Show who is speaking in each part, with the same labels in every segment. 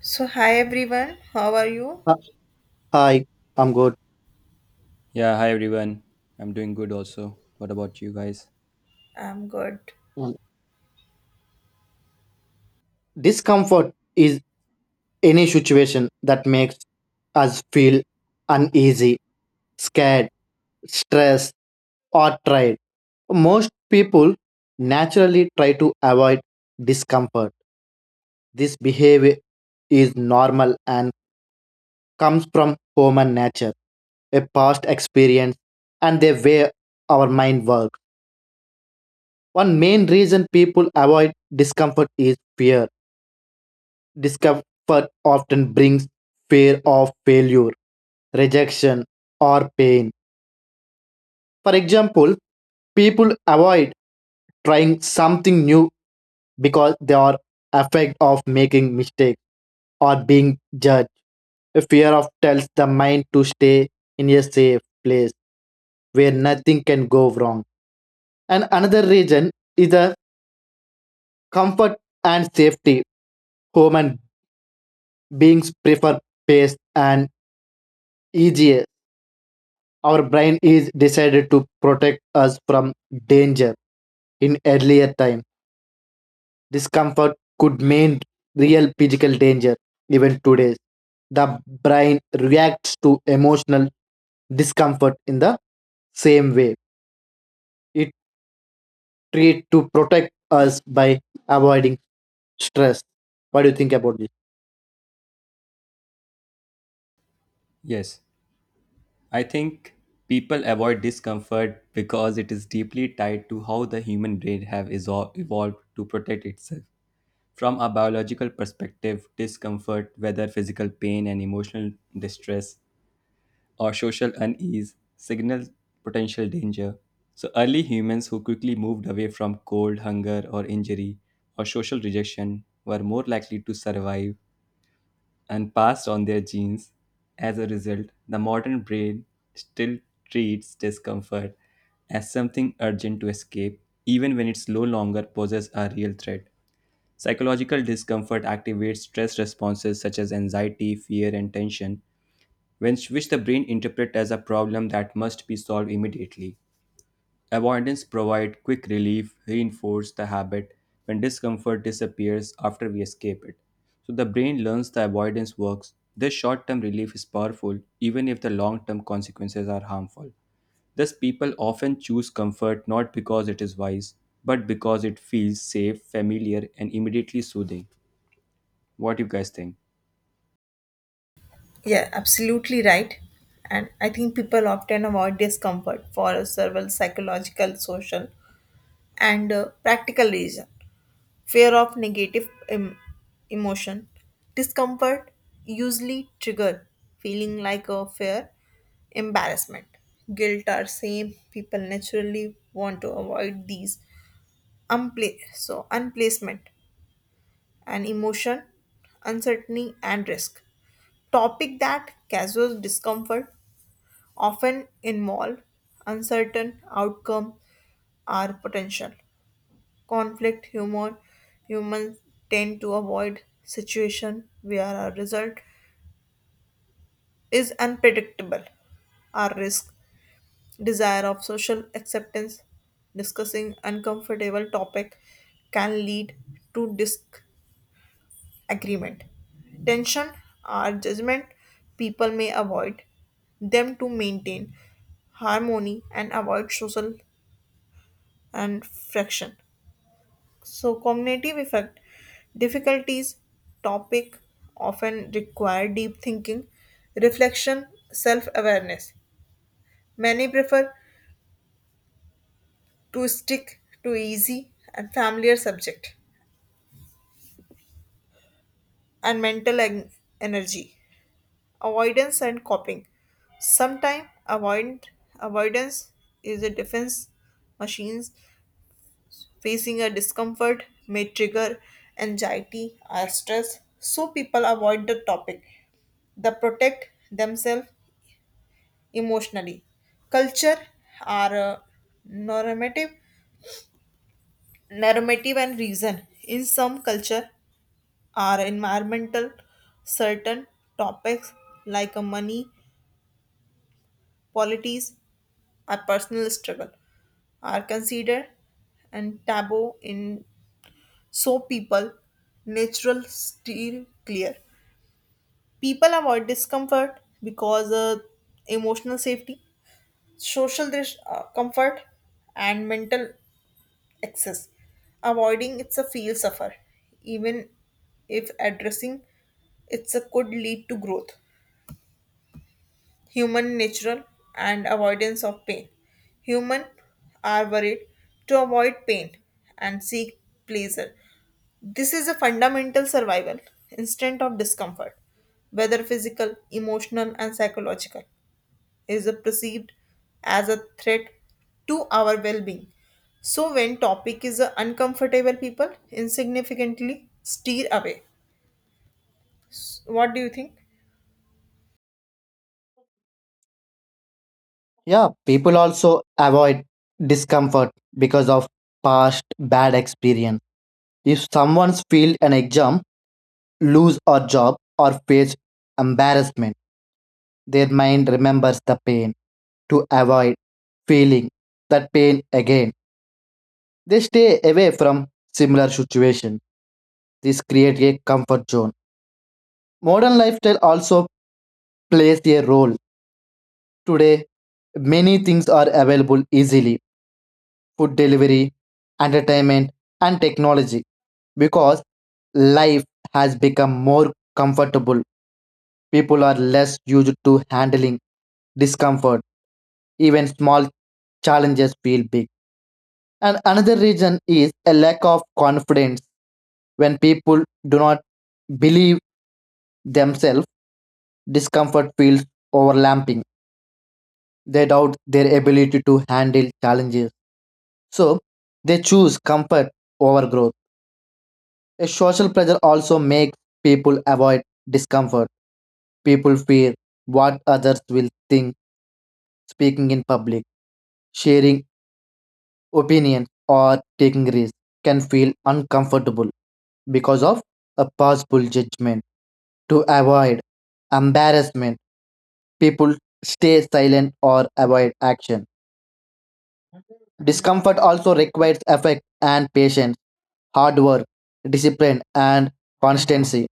Speaker 1: So, hi everyone, how are you?
Speaker 2: Uh, Hi, I'm good.
Speaker 3: Yeah, hi everyone. I'm doing good also. What about you guys?
Speaker 1: I'm good.
Speaker 2: Um, Discomfort is any situation that makes us feel uneasy, scared, stressed, or tired. Most people naturally try to avoid discomfort. This behavior is normal and comes from human nature, a past experience, and the way our mind works. One main reason people avoid discomfort is fear. Discomfort often brings fear of failure, rejection, or pain. For example, people avoid trying something new because they are afraid of making mistakes or being judged. A fear of tells the mind to stay in a safe place where nothing can go wrong. And another reason is the comfort and safety. Human beings prefer pace and easier our brain is decided to protect us from danger in earlier time. Discomfort could mean real physical danger even today. The brain reacts to emotional discomfort in the same way. It treat to protect us by avoiding stress. What do you think about this?
Speaker 3: Yes, I think people avoid discomfort because it is deeply tied to how the human brain have evolved to protect itself. From a biological perspective, discomfort, whether physical pain and emotional distress or social unease, signal potential danger. So early humans who quickly moved away from cold, hunger, or injury or social rejection were more likely to survive and passed on their genes. As a result, the modern brain still treats discomfort as something urgent to escape, even when it no longer poses a real threat. Psychological discomfort activates stress responses such as anxiety, fear, and tension, which the brain interprets as a problem that must be solved immediately. Avoidance provides quick relief, reinforce the habit when discomfort disappears after we escape it. So the brain learns the avoidance works. This short-term relief is powerful even if the long-term consequences are harmful. Thus people often choose comfort not because it is wise, but because it feels safe, familiar and immediately soothing. What do you guys think?
Speaker 1: Yeah, absolutely right. And I think people often avoid discomfort for several psychological, social, and practical reasons. Fear of negative emotion. Discomfort usually trigger feeling like a fear, embarrassment, guilt, or shame. People naturally want to avoid these so unplacement. And emotion, uncertainty, and risk. Topic that causes discomfort often involve uncertain outcome or potential. Conflict humor humans tend to avoid situation where a result is unpredictable or risk desire of social acceptance discussing uncomfortable topic can lead to agreement, tension, or judgment, people may avoid them to maintain harmony and avoid social and friction. So, cognitive effect difficulties, topic often require deep thinking, reflection, self awareness. Many prefer to stick to easy and familiar subject and energy avoidance and coping sometimes avoid avoidance is a defense machines facing a discomfort may trigger anxiety or stress so people avoid the topic they protect themselves emotionally culture are normative normative and reason in some culture are environmental certain topics like money politics or personal struggle are considered and taboo in so people natural steer clear people avoid discomfort because emotional safety social comfort and mental excess avoiding it's a feel suffer even if addressing it's a could lead to growth human natural and avoidance of pain. Human are worried to avoid pain and seek pleasure. This is a fundamental survival instinct of discomfort, whether physical, emotional, and psychological, is a perceived as a threat to our well-being. So when topic is uncomfortable, people insignificantly steer away. What do you think?
Speaker 2: Yeah, people also avoid discomfort because of past bad experience. If someone's failed an exam, lose a job or face embarrassment, their mind remembers the pain to avoid feeling that pain again. They stay away from similar situations. This creates a comfort zone. Modern lifestyle also plays a role. Today, many things are available easily food delivery, entertainment, and technology because life has become more comfortable. People are less used to handling discomfort. Even small challenges feel big. And another reason is a lack of confidence. When people do not believe themselves, discomfort feels overlapping. They doubt their ability to handle challenges. So they choose comfort over growth. A social pressure also makes people avoid discomfort. People fear what others will think speaking in public, sharing opinions, or taking risks can feel uncomfortable because of a possible judgment. To avoid embarrassment, people stay silent or avoid action. Discomfort also requires effort and patience, hard work, discipline, and constancy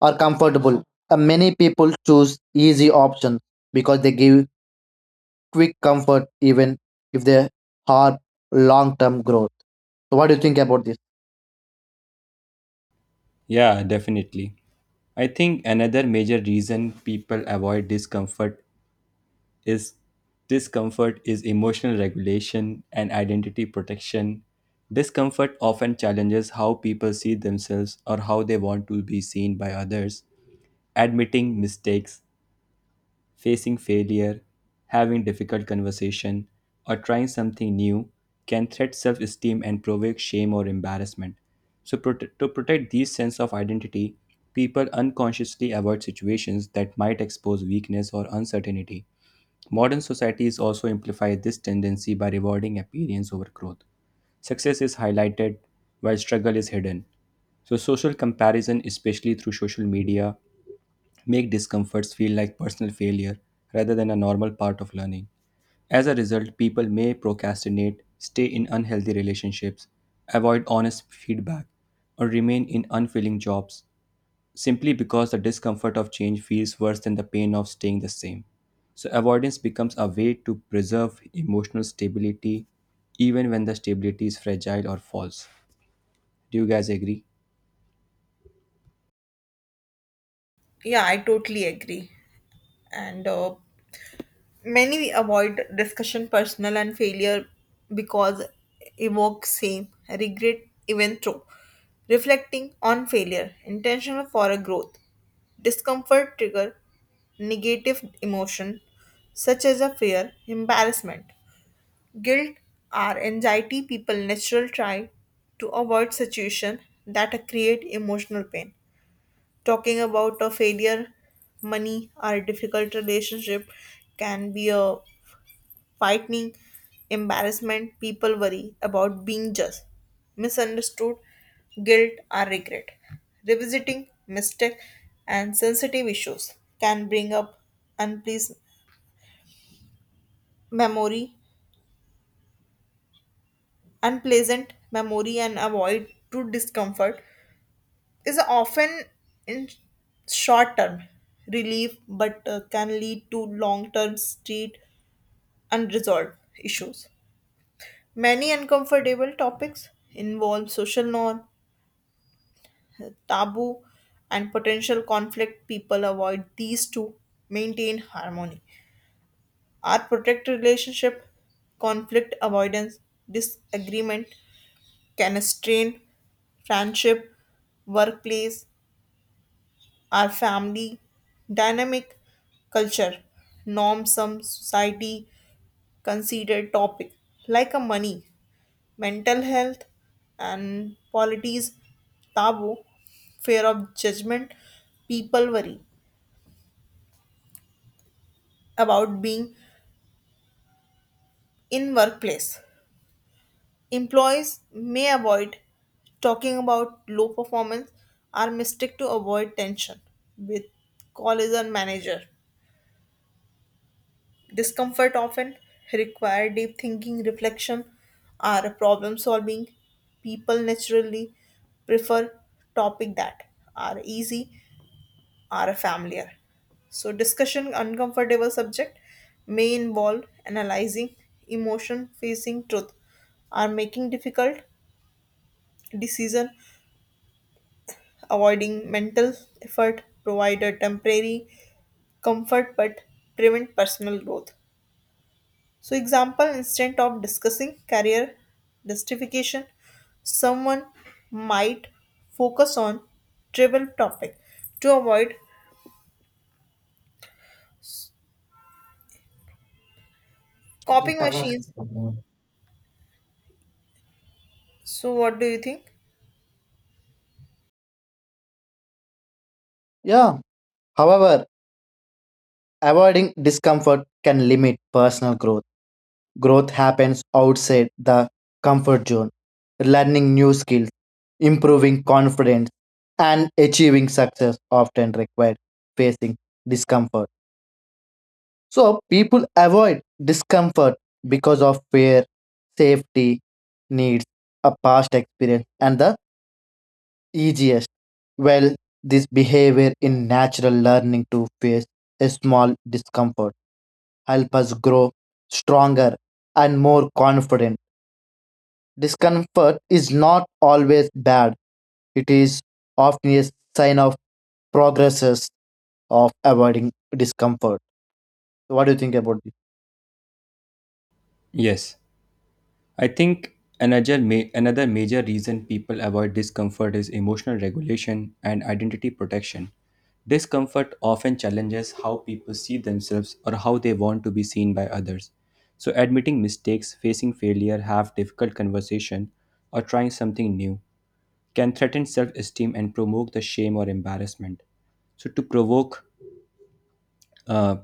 Speaker 2: are comfortable. Many people choose easy options because they give quick comfort even if they have long term growth. So, what do you think about this?
Speaker 3: Yeah, definitely. I think another major reason people avoid discomfort is is emotional regulation and identity protection. Discomfort often challenges how people see themselves or how they want to be seen by others. Admitting mistakes, facing failure, having difficult conversation, or trying something new can threat self-esteem and provoke shame or embarrassment. So to protect these sense of identity, people unconsciously avoid situations that might expose weakness or uncertainty. Modern societies also amplify this tendency by rewarding appearance over growth. Success is highlighted while struggle is hidden. So social comparison, especially through social media, make discomforts feel like personal failure rather than a normal part of learning. As a result, people may procrastinate, stay in unhealthy relationships, avoid honest feedback, or remain in unfilling jobs simply because the discomfort of change feels worse than the pain of staying the same. So, avoidance becomes a way to preserve emotional stability even when the stability is fragile or false. Do you guys agree?
Speaker 1: Yeah, I totally agree. And many avoid discussion personal and failure because evoke shame, regret, even through reflecting on failure, intentional for a growth, discomfort trigger negative emotion such as a fear, embarrassment, guilt, or anxiety. People naturally try to avoid situation that create emotional pain. Talking about a failure, money, or difficult relationship can be a frightening embarrassment, people worry about being judged, misunderstood, guilt, or regret. Revisiting mistake and sensitive issues can bring up unpleasant memory, and avoid to discomfort is often in short term relief but can lead to long term street unresolved issues. Many uncomfortable topics involve social norm, taboo, and potential conflict, people avoid these to maintain harmony. Our protect relationship, conflict avoidance, disagreement can strain friendship, workplace, our family, dynamic culture, norms, some society considered topic like a money, mental health, and polities, taboo, fear of judgment, people worry about being in workplace. Employees may avoid talking about low performance or mistake to avoid tension with colleagues or manager. Discomfort often require deep thinking, reflection, or problem solving. People naturally prefer topic that are easy are a familiar. So, discussion uncomfortable subject may involve analyzing emotion, facing truth, or making difficult decision, avoiding mental effort, provide a temporary comfort but prevent personal growth. So, example instead of discussing career justification, someone might focus on trivial topic to avoid copying machines. So, what do you think?
Speaker 2: Yeah. However, avoiding discomfort can limit personal growth. Growth happens outside the comfort zone, learning new skills, improving confidence, and achieving success often require facing discomfort. So, people avoid discomfort because of fear, safety, needs, a past experience, and the easiest. Well, this behavior in natural learning to face a small discomfort help us grow stronger and more confident. Discomfort is not always bad. It is often a sign of progresses of avoiding discomfort. So what do you think about this?
Speaker 3: Yes. I think another major reason people avoid discomfort is emotional regulation and identity protection. Discomfort often challenges how people see themselves or how they want to be seen by others. So admitting mistakes, facing failure, have difficult conversation or trying something new can threaten self-esteem and provoke the shame or embarrassment. So uh,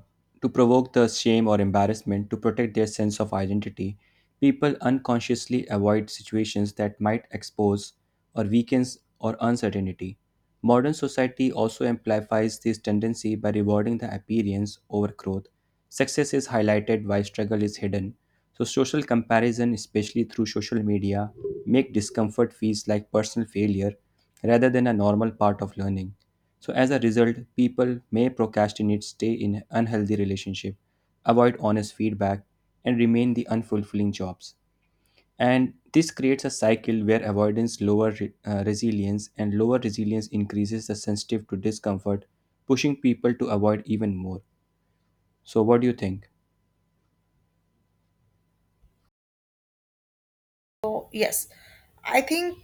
Speaker 3: to provoke the shame or embarrassment to protect their sense of identity, people unconsciously avoid situations that might expose or weaken or uncertainty. Modern society also amplifies this tendency by rewarding the appearance over growth. Success is highlighted while struggle is hidden. So social comparison, especially through social media, make discomfort feels like personal failure rather than a normal part of learning. So, as a result, people may procrastinate, stay in unhealthy relationship, avoid honest feedback, and remain the unfulfilling jobs. And this creates a cycle where avoidance resilience, and lower resilience increases the sensitive to discomfort, pushing people to avoid even more. So, what do you think?
Speaker 1: So, yes, I think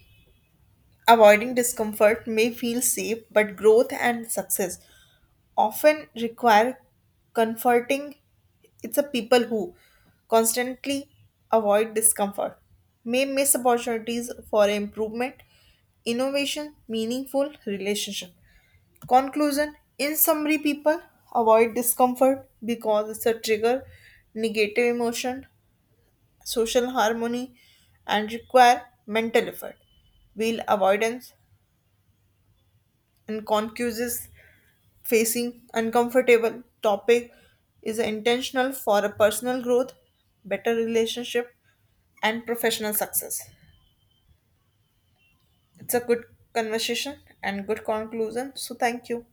Speaker 1: avoiding discomfort may feel safe, but growth and success often require comforting. It's a people who constantly avoid discomfort may miss opportunities for improvement, innovation, meaningful relationship. Conclusion In summary, people avoid discomfort because it's a trigger, negative emotion, social harmony and require mental effort. Wheel avoidance and concuses facing uncomfortable topic is intentional for a personal growth, better relationship and professional success. It's a good conversation and good conclusion. So thank you.